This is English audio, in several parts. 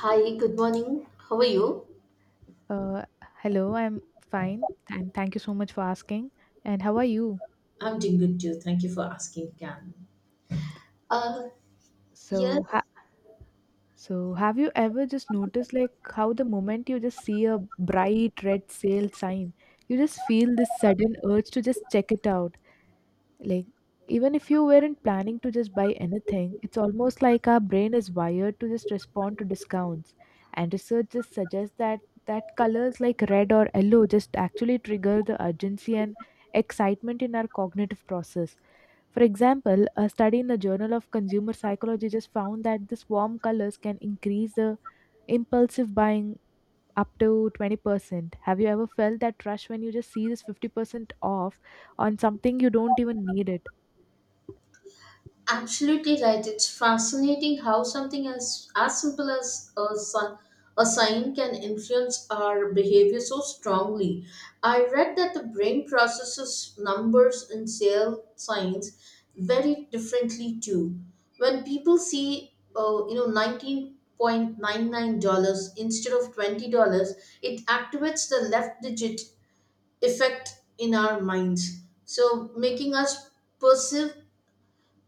Hi, good morning. How are you? Uh, Hello, I'm fine, and thank you so much for asking. And how are you? I'm doing good too. Thank you for asking, Cam. Uh, So, ha- yes, so have you ever just noticed like how the moment you just see a bright red sale sign, you just feel this sudden urge to just check it out. Like even if you weren't planning to just buy anything, it's almost like our brain is wired to just respond to discounts. And research just suggests that colors like red or yellow just actually trigger the urgency and excitement in our cognitive process. For example, a study in the Journal of Consumer Psychology just found that this warm colors can increase the impulsive buying up to 20%. Have you ever felt that rush when you just see this 50% off on something you don't even need it? Absolutely right. It's fascinating how something as simple as a sign can influence our behavior so strongly. I read that the brain processes numbers and sale signs very differently too. When people see, 19. $.99 instead of $20, it activates the left digit effect in our minds. So making us perceive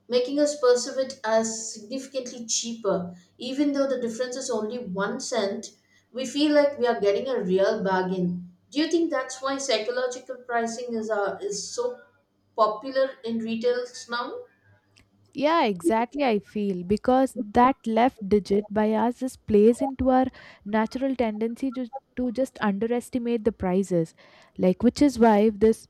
perceive it as significantly cheaper. Even though the difference is only 1 cent, we feel like we are getting a real bargain. Do you think that's why psychological pricing is so popular in retails now? Yeah, exactly. I feel because that left digit by us just plays into our natural tendency to just underestimate the prices, like which is why this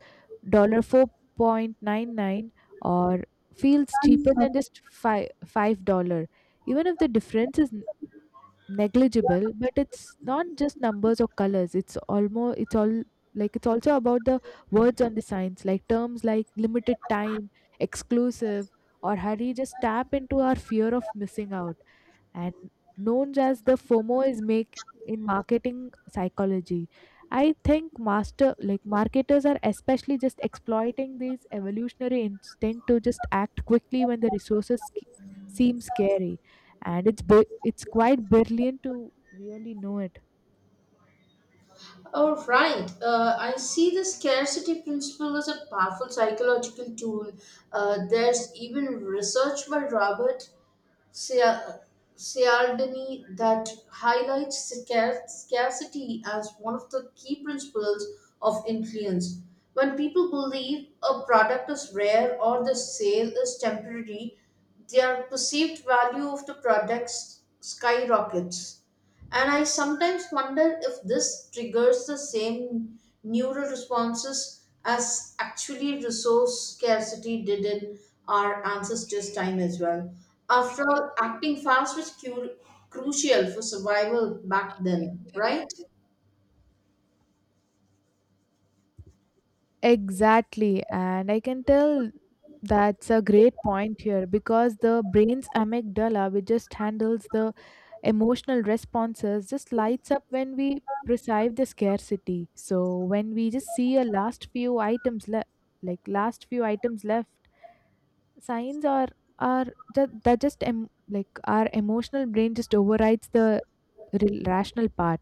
dollar 4.99 or feels cheaper than just five dollar, even if the difference is negligible. But it's not just numbers or colors, it's almost it's all like it's also about the words on the signs, like terms like limited time, exclusive, or hurry just tap into our fear of missing out and known as the FOMO is make in marketing psychology. I think master like marketers are especially just exploiting these evolutionary instinct to just act quickly when the resources seem scary, and it's quite brilliant to really know it. All right. I see the scarcity principle as a powerful psychological tool. There's even research by Robert Sea- Cialdini that highlights scarcity as one of the key principles of influence. When people believe a product is rare or the sale is temporary, their perceived value of the product skyrockets. And I sometimes wonder if this triggers the same neural responses as actually resource scarcity did in our ancestors' time as well. After all, acting fast was crucial for survival back then, right? Exactly, and I can tell that's a great point here because the brain's amygdala, which just handles the emotional responses just lights up when we perceive the scarcity. So when we just see a last few items le- like last few items left signs are that just like our emotional brain just overrides the rational part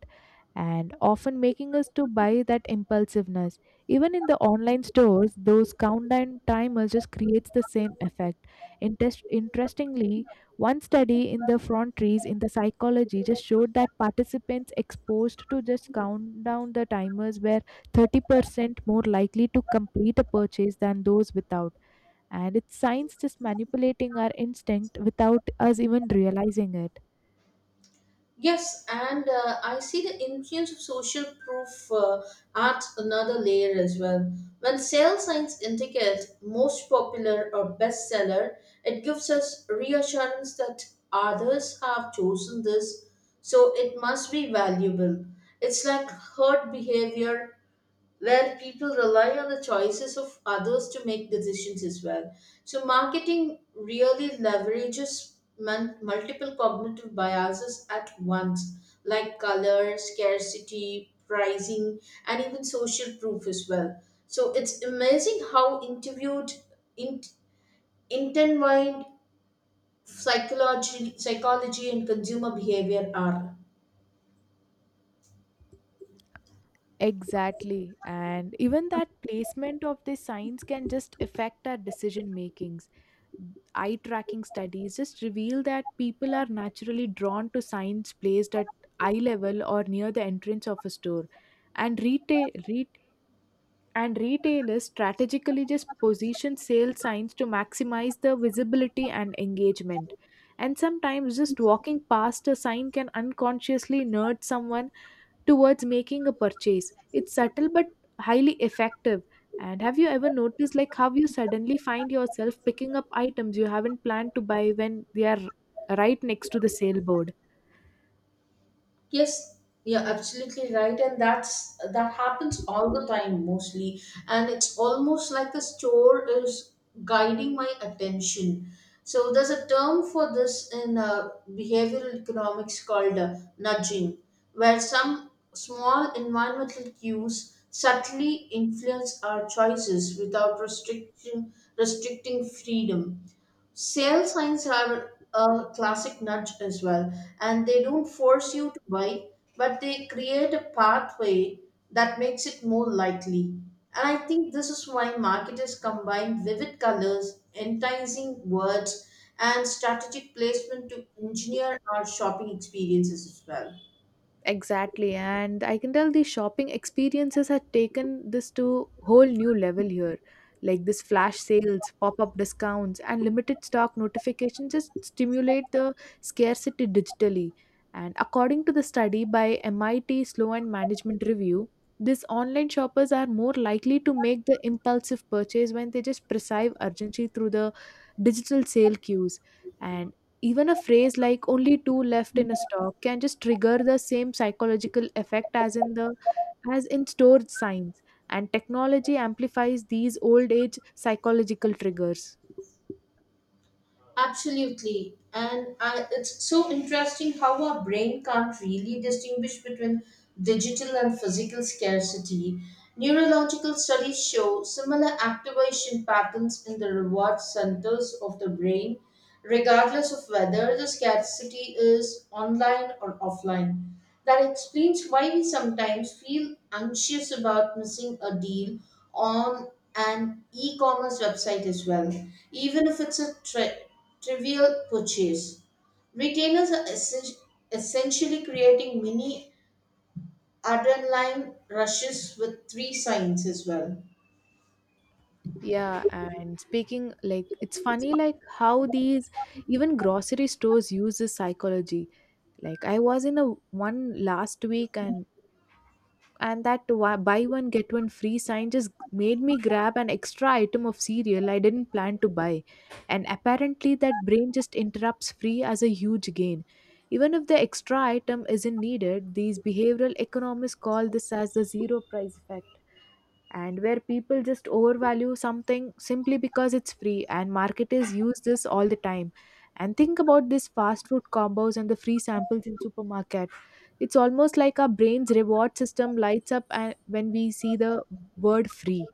and often making us to buy that impulsiveness. Even in the online stores, those countdown timers just creates the same effect. Interestingly, one study in the frontiers in the psychology just showed that participants exposed to just countdown the timers were 30% more likely to complete a purchase than those without, and it's science just manipulating our instinct without us even realizing it. Yes, and I see the influence of social proof adds another layer as well. When sales signs indicate most popular or bestseller, it gives us reassurance that others have chosen this, so it must be valuable. It's like herd behavior where people rely on the choices of others to make decisions as well. So, marketing really leverages multiple cognitive biases at once, like color, scarcity, pricing, and even social proof as well. So, it's amazing how in, intertwined psychology and consumer behavior are. Exactly. And even that placement of the signs can just affect our decision makings. Eye tracking studies just reveal that people are naturally drawn to signs placed at eye level or near the entrance of a store. And retail ret, and retailers strategically just position sale signs to maximize the visibility and engagement. And sometimes just walking past a sign can unconsciously nudge someone towards making a purchase. It's subtle but highly effective. And have you ever noticed like how you suddenly find yourself picking up items you haven't planned to buy when they are right next to the sale board? Yes, you're absolutely right, and that happens all the time mostly, and it's almost like the store is guiding my attention. So there's a term for this in behavioral economics called nudging, where some small environmental cues subtly influence our choices without restriction restricting freedom. Sale signs are a classic nudge as well, and they don't force you to buy, but they create a pathway that makes it more likely. And I think this is why marketers combine vivid colors, enticing words, and strategic placement to engineer our shopping experiences as well. Exactly, and I can tell the shopping experiences have taken this to whole new level here. Like this flash sales, pop-up discounts, and limited stock notifications just stimulate the scarcity digitally. And according to the study by MIT Slow and Management Review, these online shoppers are more likely to make the impulsive purchase when they just perceive urgency through the digital sale queues. And even a phrase like only two left in a stock can just trigger the same psychological effect as in the as in storage signs, and technology amplifies these old age psychological triggers. Absolutely. And it's so interesting how our brain can't really distinguish between digital and physical scarcity. Neurological studies show similar activation patterns in the reward centers of the brain, regardless of whether the scarcity is online or offline. That explains why we sometimes feel anxious about missing a deal on an e commerce website as well, even if it's a trivial purchase. Retailers are essentially creating mini adrenaline rushes with three signs as well. Yeah, and speaking like it's funny like how these even grocery stores use this psychology. Like I was in a one last week and that buy one get one free sign just made me grab an extra item of cereal I didn't plan to buy. And apparently, that brain just interrupts free as a huge gain. Even if the extra item isn't needed, these behavioral economists call this as the zero price effect and where people just overvalue something simply because it's free, and marketers use this all the time. And think about this fast food combos and the free samples in supermarket. It's almost like our brain's reward system lights up and when we see the word free.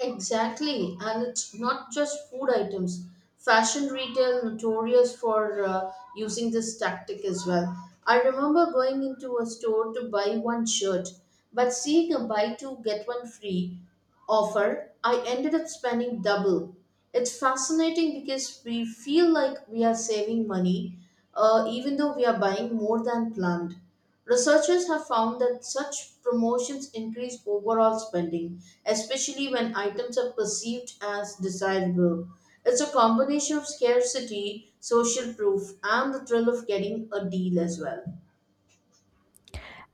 Exactly, and it's not just food items. Fashion retail notorious for using this tactic as well. I remember going into a store to buy one shirt, but seeing a buy two get one free offer, I ended up spending double. It's fascinating because we feel like we are saving money, even though we are buying more than planned. Researchers have found that such promotions increase overall spending, especially when items are perceived as desirable. It's a combination of scarcity, social proof, and the thrill of getting a deal as well.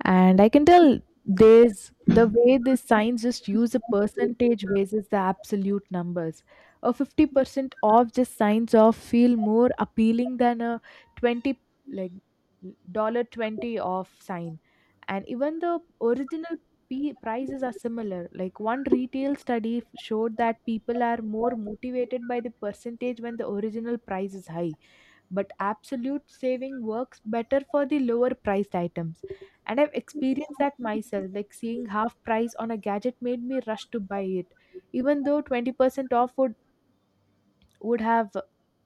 And I can tell there's the way these signs just use a percentage basis the absolute numbers. A 50% off just signs off feel more appealing than a 20 like dollar 20 off sign, and even the original prices are similar. Like one retail study showed that people are more motivated by the percentage when the original price is high, but absolute saving works better for the lower priced items. And I've experienced that myself, like seeing half price on a gadget made me rush to buy it, even though 20% off would have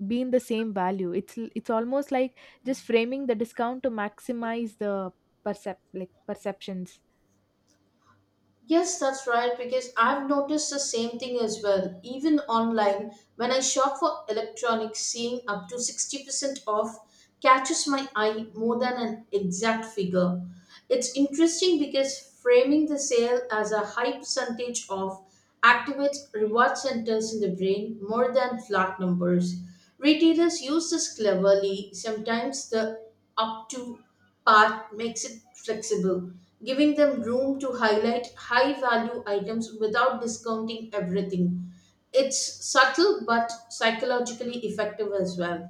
been the same value. It's almost like just framing the discount to maximize the percep like perceptions. Yes, that's right, because I've noticed the same thing as well. Even online, when I shop for electronics, seeing up to 60% off catches my eye more than an exact figure. It's interesting because framing the sale as a high percentage off activates reward centers in the brain more than flat numbers. Retailers use this cleverly. Sometimes the up to part makes it flexible, giving them room to highlight high value items without discounting everything. It's subtle but psychologically effective as well.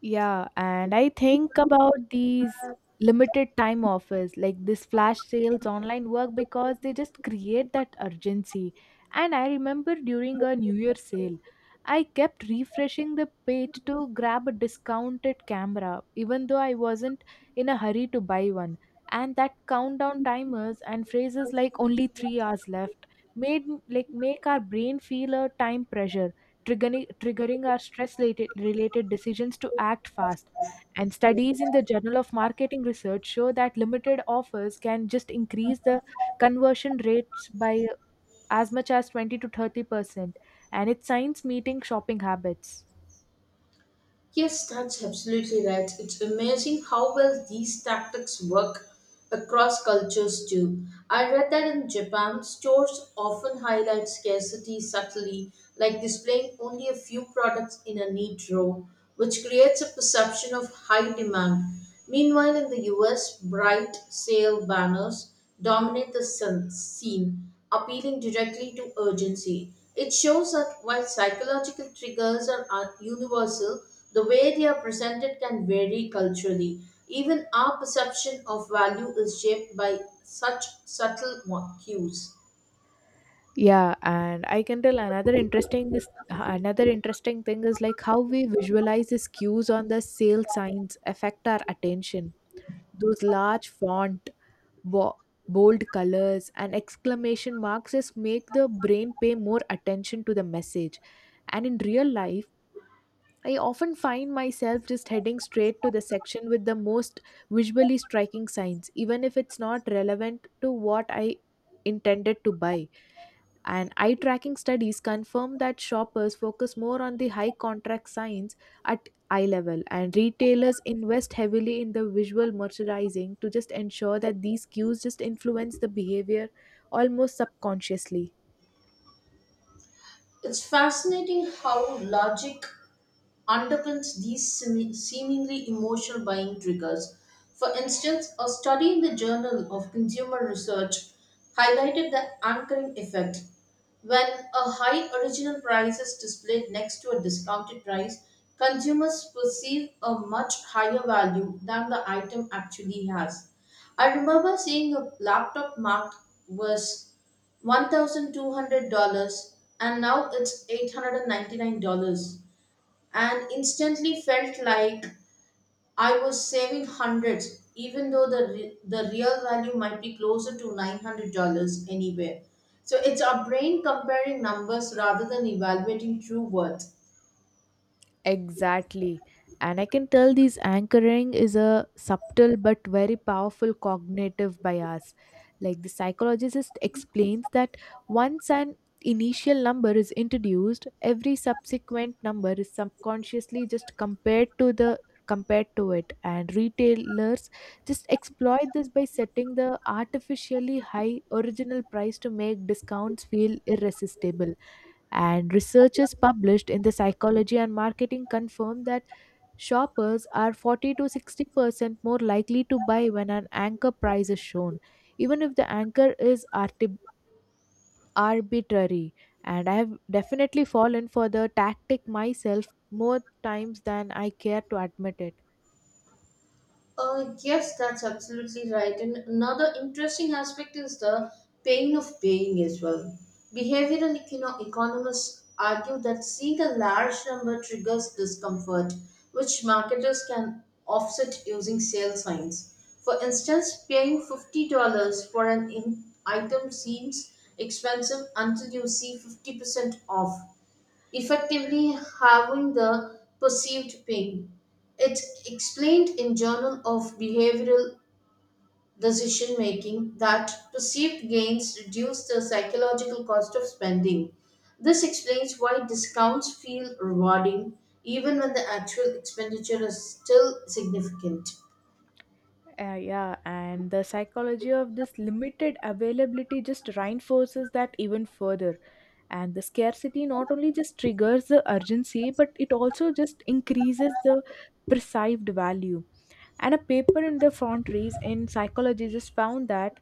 Yeah, and I think about these limited time offers, like this flash sales online work, because they just create that urgency. And I remember during a New Year sale, I kept refreshing the page to grab a discounted camera, even though I wasn't in a hurry to buy one. And that countdown timers and phrases like only 3 hours left like make our brain feel a time pressure, triggering our stress related decisions to act fast. And studies in the Journal of Marketing Research show that limited offers can just increase the conversion rates by as much as 20 to 30%. And it's science meeting shopping habits. Yes, that's absolutely right. It's amazing how well these tactics work across cultures too. I read that in Japan, stores often highlight scarcity subtly, like displaying only a few products in a neat row, which creates a perception of high demand. Meanwhile, in the US, bright sale banners dominate the scene, appealing directly to urgency. It shows that while psychological triggers are universal, the way they are presented can vary culturally. Even our perception of value is shaped by such subtle cues. Yeah, and I can tell another interesting thing is like how we visualize these cues on the sale signs affect our attention. Those large font bo- bold colors and exclamation marks just make the brain pay more attention to the message. And in real life, I often find myself just heading straight to the section with the most visually striking signs, even if it's not relevant to what I intended to buy. And eye tracking studies confirm that shoppers focus more on the high contract signs at eye level, and retailers invest heavily in the visual merchandising to just ensure that these cues just influence the behavior almost subconsciously. It's fascinating how logic underpins these seemingly emotional buying triggers. For instance, a study in the Journal of Consumer Research highlighted the anchoring effect. When a high original price is displayed next to a discounted price, consumers perceive a much higher value than the item actually has. I remember seeing a laptop marked was $1,200 and now it's $899, and instantly felt like I was saving hundreds, even though the real value might be closer to $900 anywhere. So it's our brain comparing numbers rather than evaluating true worth. Exactly. And I can tell these anchoring is a subtle but very powerful cognitive bias. Like the psychologist explains that once an initial number is introduced, every subsequent number is subconsciously just compared to it, and retailers just exploit this by setting the artificially high original price to make discounts feel irresistible. And researchers published in the Psychology and Marketing confirm that shoppers are 40 to 60% more likely to buy when an anchor price is shown, even if the anchor is arbitrary. And I have definitely fallen for the tactic myself more times than I care to admit it. Yes, that's absolutely right. And another interesting aspect is the pain of paying as well. Behavioral economists argue that seeing a large number triggers discomfort, which marketers can offset using sale signs. For instance, paying $50 for an item seems expensive until you see 50% off, effectively halving the perceived pain. It's explained in Journal of Behavioral Decision Making that perceived gains reduce the psychological cost of spending. This explains why discounts feel rewarding even when the actual expenditure is still significant. Yeah, and the psychology of this limited availability just reinforces that even further. And the scarcity not only just triggers the urgency, but it also just increases the perceived value. And a paper in the frontiers in psychology just found that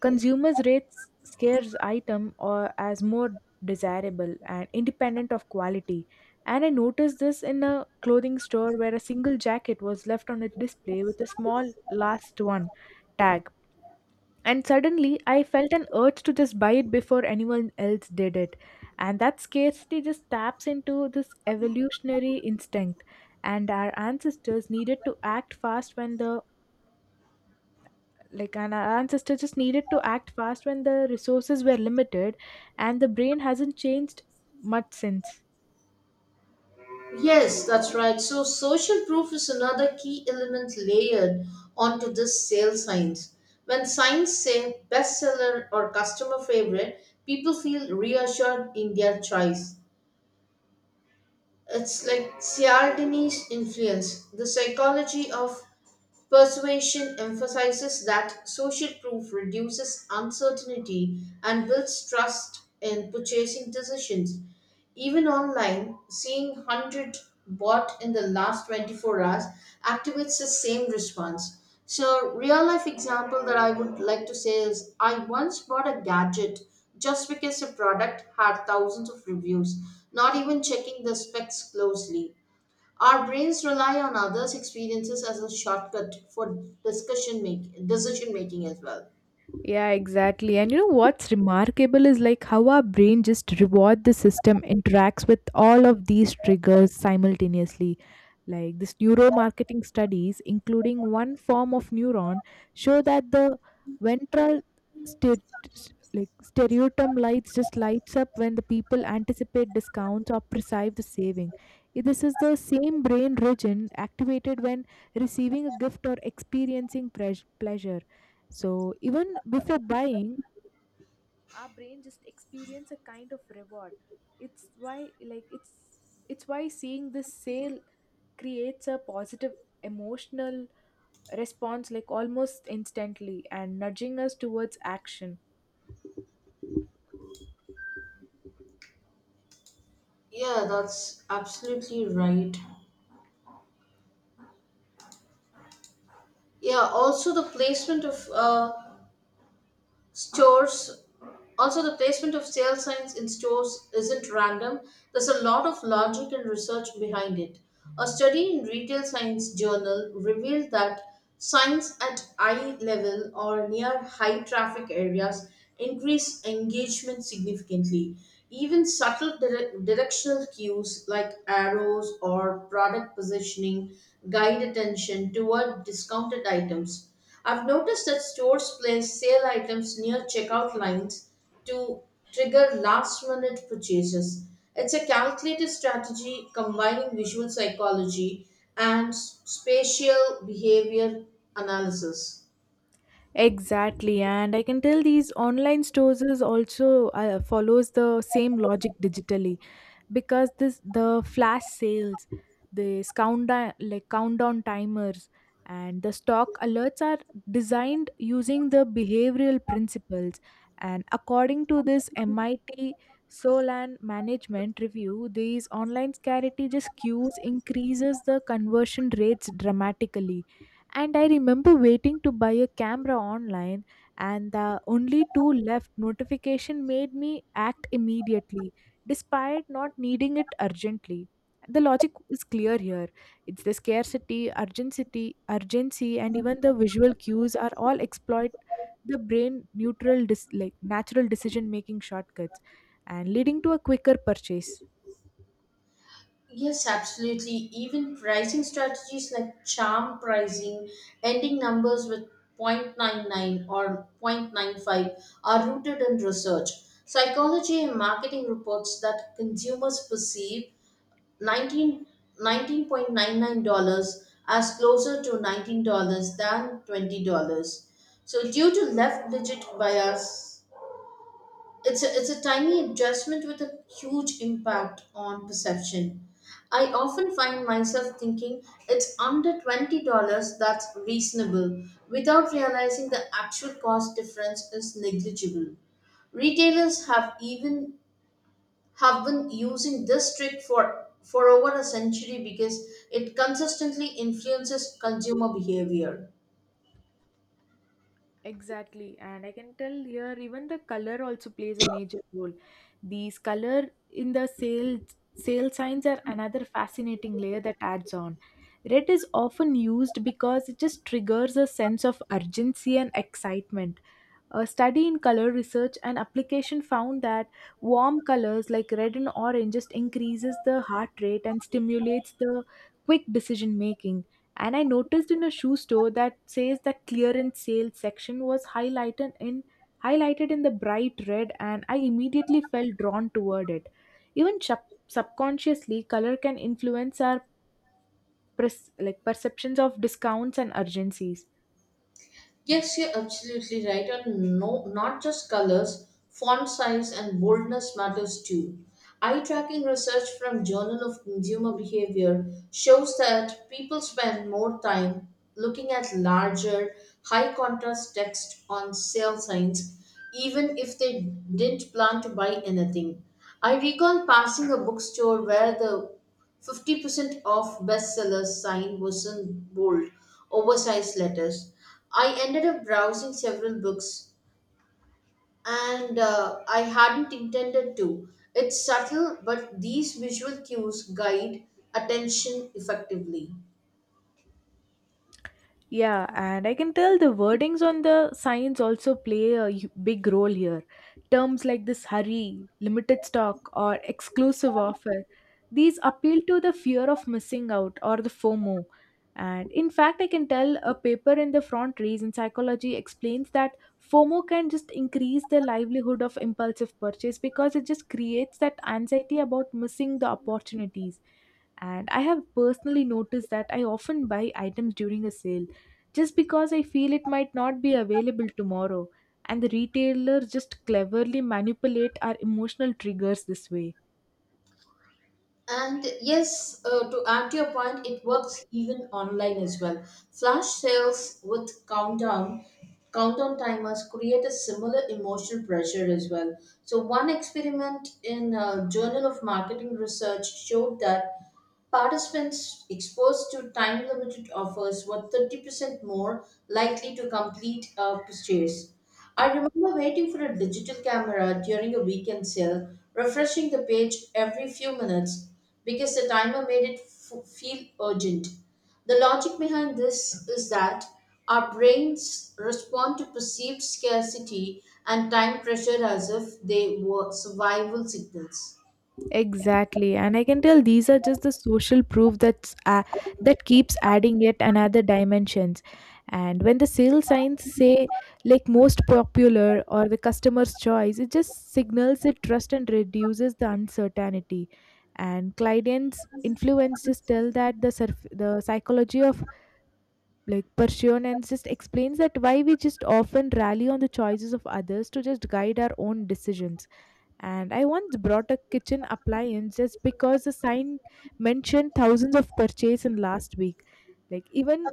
consumers rate scarce item or as more desirable and independent of quality. And I noticed this in a clothing store where a single jacket was left on a display with a small last one tag, and suddenly, I felt an urge to just buy it before anyone else did it. And that scarcity just taps into this evolutionary instinct. And our ancestors needed to act fast when the like and our ancestors just needed to act fast when the resources were limited, and the brain hasn't changed much since. Yes, that's right. So, social proof is another key element layered onto this sales signs. When signs say bestseller or customer favorite, people feel reassured in their choice. It's like Cialdini's influence, the psychology of Persuasion emphasizes that social proof reduces uncertainty and builds trust in purchasing decisions. Even online, seeing 100 bought in the last 24 hours activates the same response. So, real life example that I would like to say is I once bought a gadget just because the product had thousands of reviews, not even checking the specs closely. Our brains rely on others' experiences as a shortcut for decision making as well. Yeah, exactly. And you know what's remarkable is like how our brain just reward the system interacts with all of these triggers simultaneously. Like this neuromarketing studies, including one form of neuron, show that the ventral ster- like stereotum lights up when the people anticipate discounts or perceive the saving. This is the same brain region activated when receiving a gift or experiencing pleasure. So even before buying, our brain just experience a kind of reward. It's why like it's it's why seeing this sale creates a positive emotional response like almost instantly and nudging us towards action. Yeah, that's absolutely right. Yeah, stores also, the placement of sale signs in stores isn't random. There's a lot of logic and research behind it. A study in Retail Science Journal revealed that signs at eye level or near high traffic areas increase engagement significantly. Even subtle directional cues like arrows or product positioning guide attention toward discounted items. I've noticed that stores place sale items near checkout lines to trigger last minute purchases. It's a calculated strategy combining visual psychology and spatial behavior analysis. Exactly, and I can tell these online stores is also follows the same logic digitally because this the flash sales, this countdown timers, and the stock alerts are designed using the behavioral principles. And according to this MIT Solan management review, these online scarcity just cues increases the conversion rates dramatically. And I remember waiting to buy a camera online, and the only two left notification made me act immediately, despite not needing it urgently. The logic is clear here. It's the scarcity, urgency, and even the visual cues are all exploit the brain like natural decision making shortcuts, and leading to a quicker purchase. Yes, absolutely. Even pricing strategies like charm pricing, ending numbers with 0.99 or 0.95 are rooted in research. Psychology and marketing reports that consumers perceive 19, 19. Nine nine dollars 99 as closer to $19 than $20. So due to left digit bias, it's a tiny adjustment with a huge impact on perception. I often find myself thinking it's under $20 that's reasonable without realizing the actual cost difference is negligible. Retailers have been using this trick for over a century because it consistently influences consumer behavior. Exactly, and I can tell here even the color also plays a major role. These color in the sale signs are another fascinating layer that adds on. Red is often used because it just triggers a sense of urgency and excitement. A study in color research and application found that warm colors like red and orange just increases the heart rate and stimulates the quick decision making. And I noticed in a shoe store that says that clearance sale section was highlighted in the bright red, and I immediately felt drawn toward it. Even subconsciously color can influence our perceptions of discounts and urgencies. Yes, you're absolutely right. And no, not just colors, font size and boldness matters too. Eye tracking research from Journal of Consumer Behavior shows that people spend more time looking at larger, high contrast text on sale signs, even if they didn't plan to buy anything. I recall passing a bookstore where the 50% of bestsellers sign was in bold, oversized letters. I ended up browsing several books and I hadn't intended to. It's subtle, but these visual cues guide attention effectively. Yeah, and I can tell the wordings on the signs also play a big role here. Terms like this hurry, limited stock, or exclusive offer, these appeal to the fear of missing out, or the FOMO. And in fact, I can tell a paper in the front race in psychology explains that FOMO can just increase the livelihood of impulsive purchase because it just creates that anxiety about missing the opportunities. And I have personally noticed that I often buy items during a sale just because I feel it might not be available tomorrow. And the retailers just cleverly manipulate our emotional triggers this way. And yes, to add to your point, it works even online as well. Flash sales with countdown timers create a similar emotional pressure as well. So one experiment in Journal of Marketing Research showed that participants exposed to time limited offers were 30% more likely to complete a purchase. I remember waiting for a digital camera during a weekend sale, refreshing the page every few minutes because the timer made it feel urgent. The logic behind this is that our brains respond to perceived scarcity and time pressure as if they were survival signals. Exactly, and I can tell these are just the social proof that keeps adding yet another dimensions. And when the sale signs say like most popular or the customer's choice, it just signals the trust and reduces the uncertainty. And clients' influence just tell that the the psychology of like Persianens just explains that why we just often rally on the choices of others to just guide our own decisions. And I once brought a kitchen appliance just because the sign mentioned thousands of purchase in last week. Like even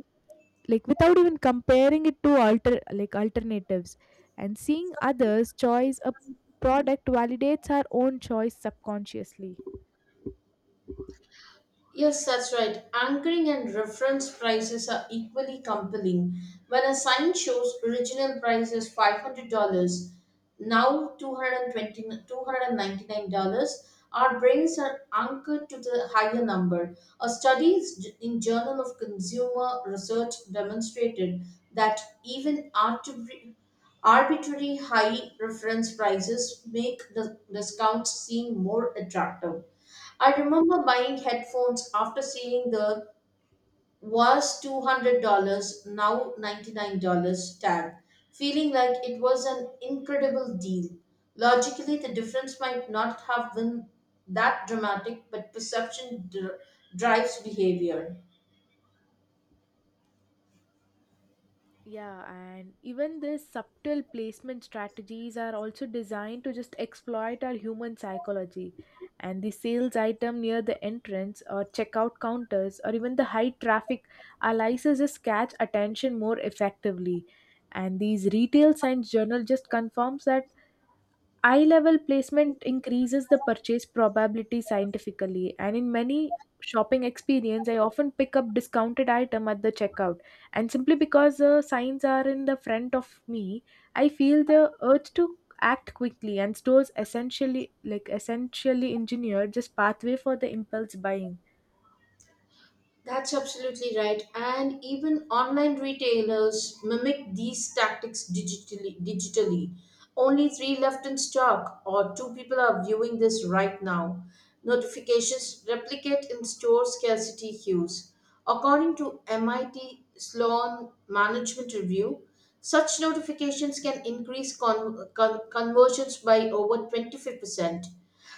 like without even comparing it to alternatives, and seeing others choice a product validates our own choice subconsciously. Yes, that's right. Anchoring and reference prices are equally compelling. When a sign shows original price is $500, now two hundred and twenty-two hundred and ninety-nine dollars our brains are anchored to the higher number. A study in Journal of Consumer Research demonstrated that even arbitrary high reference prices make the discounts seem more attractive. I remember buying headphones after seeing the was $200, now $99 tag, feeling like it was an incredible deal. Logically, the difference might not have been that dramatic, but perception drives behavior. Yeah, and even these subtle placement strategies are also designed to just exploit our human psychology. And the sales item near the entrance or checkout counters or even the high traffic aliases just catch attention more effectively. And these retail science journal just confirms that eye level placement increases the purchase probability scientifically, and in many shopping experience, I often pick up discounted item at the checkout. And simply because the signs are in the front of me, I feel the urge to act quickly. And stores essentially, engineered, just pathway for the impulse buying. That's absolutely right. And even online retailers mimic these tactics digitally. Only three left in stock, or two people are viewing this right now. Notifications replicate in store scarcity hues. According to MIT Sloan Management Review, such notifications can increase conversions by over 25%.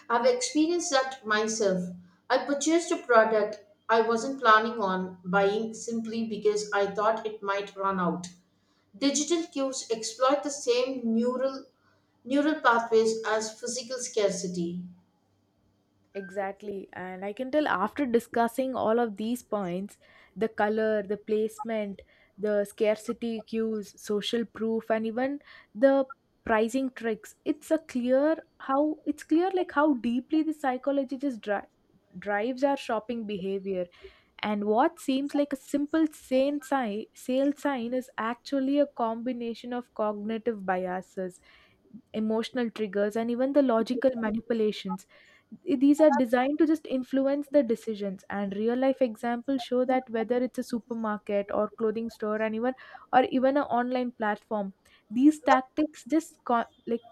I've experienced that myself. I purchased a product I wasn't planning on buying simply because I thought it might run out. Digital cues exploit the same neural pathways as physical scarcity. Exactly. And I can tell after discussing all of these points, the color, the placement, the scarcity cues, social proof, and even the pricing tricks, it's a clear how it's clear like how deeply the psychology just drives our shopping behavior, and what seems like a simple sale sign is actually a combination of cognitive biases, emotional triggers, and even the logical manipulations. These are designed to just influence the decisions, and real life examples show that whether it's a supermarket or clothing store, and even or even an online platform, these tactics just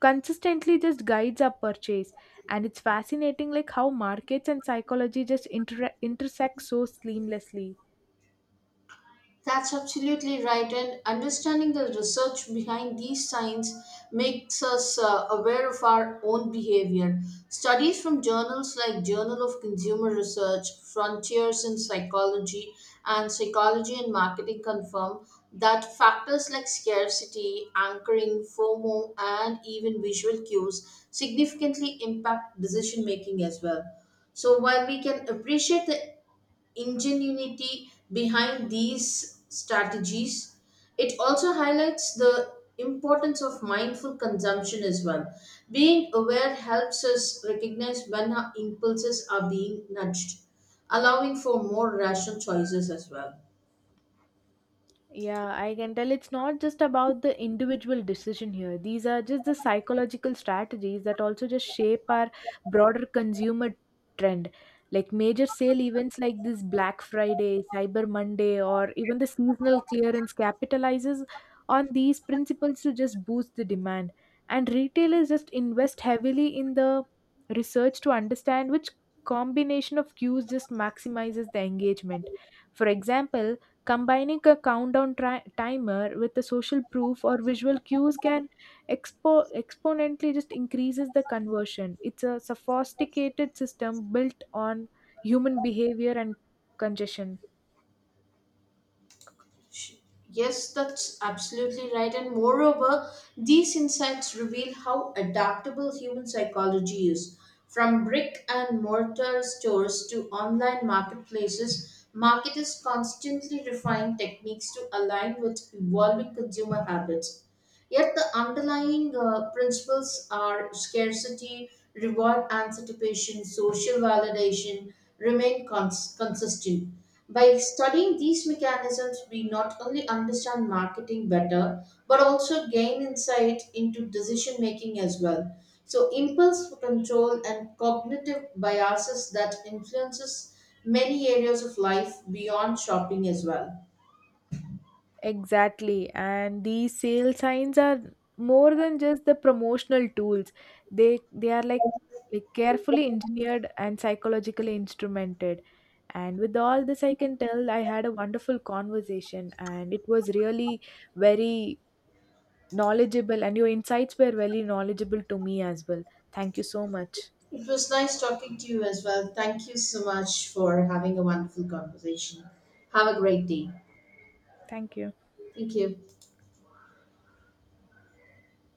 consistently just guides our purchase. And it's fascinating, like how markets and psychology just intersect so seamlessly. That's absolutely right, and understanding the research behind these signs makes us aware of our own behavior. Studies from journals like Journal of Consumer Research, Frontiers in Psychology, and Psychology and Marketing confirm that factors like scarcity, anchoring, FOMO, and even visual cues significantly impact decision making as well. So while we can appreciate the ingenuity behind these strategies. It also highlights the importance of mindful consumption as well. Being aware helps us recognize when our impulses are being nudged, allowing for more rational choices as well. Yeah, I can tell it's not just about the individual decision here. These are just the psychological strategies that also just shape our broader consumer trend. Like major sale events like this Black Friday, Cyber Monday, or even the seasonal clearance capitalizes on these principles to just boost the demand. And retailers just invest heavily in the research to understand which combination of cues just maximizes the engagement. For example, combining a countdown timer with a social proof or visual cues can exponentially just increases the conversion. It's a sophisticated system built on human behavior and congestion. Yes, that's absolutely right. And moreover, these insights reveal how adaptable human psychology is. From brick and mortar stores to online marketplaces, marketers constantly refine techniques to align with evolving consumer habits. Yet the underlying principles are scarcity, reward anticipation, social validation remain consistent. By studying these mechanisms, we not only understand marketing better, but also gain insight into decision making as well. So, impulse control and cognitive biases that influences many areas of life beyond shopping as well. Exactly. And these sale signs are more than just the promotional tools. They are like carefully engineered and psychologically instrumented. And with all this, I can tell I had a wonderful conversation and it was really very knowledgeable, and your insights were very knowledgeable to me as well. Thank you so much. It was nice talking to you as well. Thank you so much for having a wonderful conversation. Have a great day. Thank you. Thank you.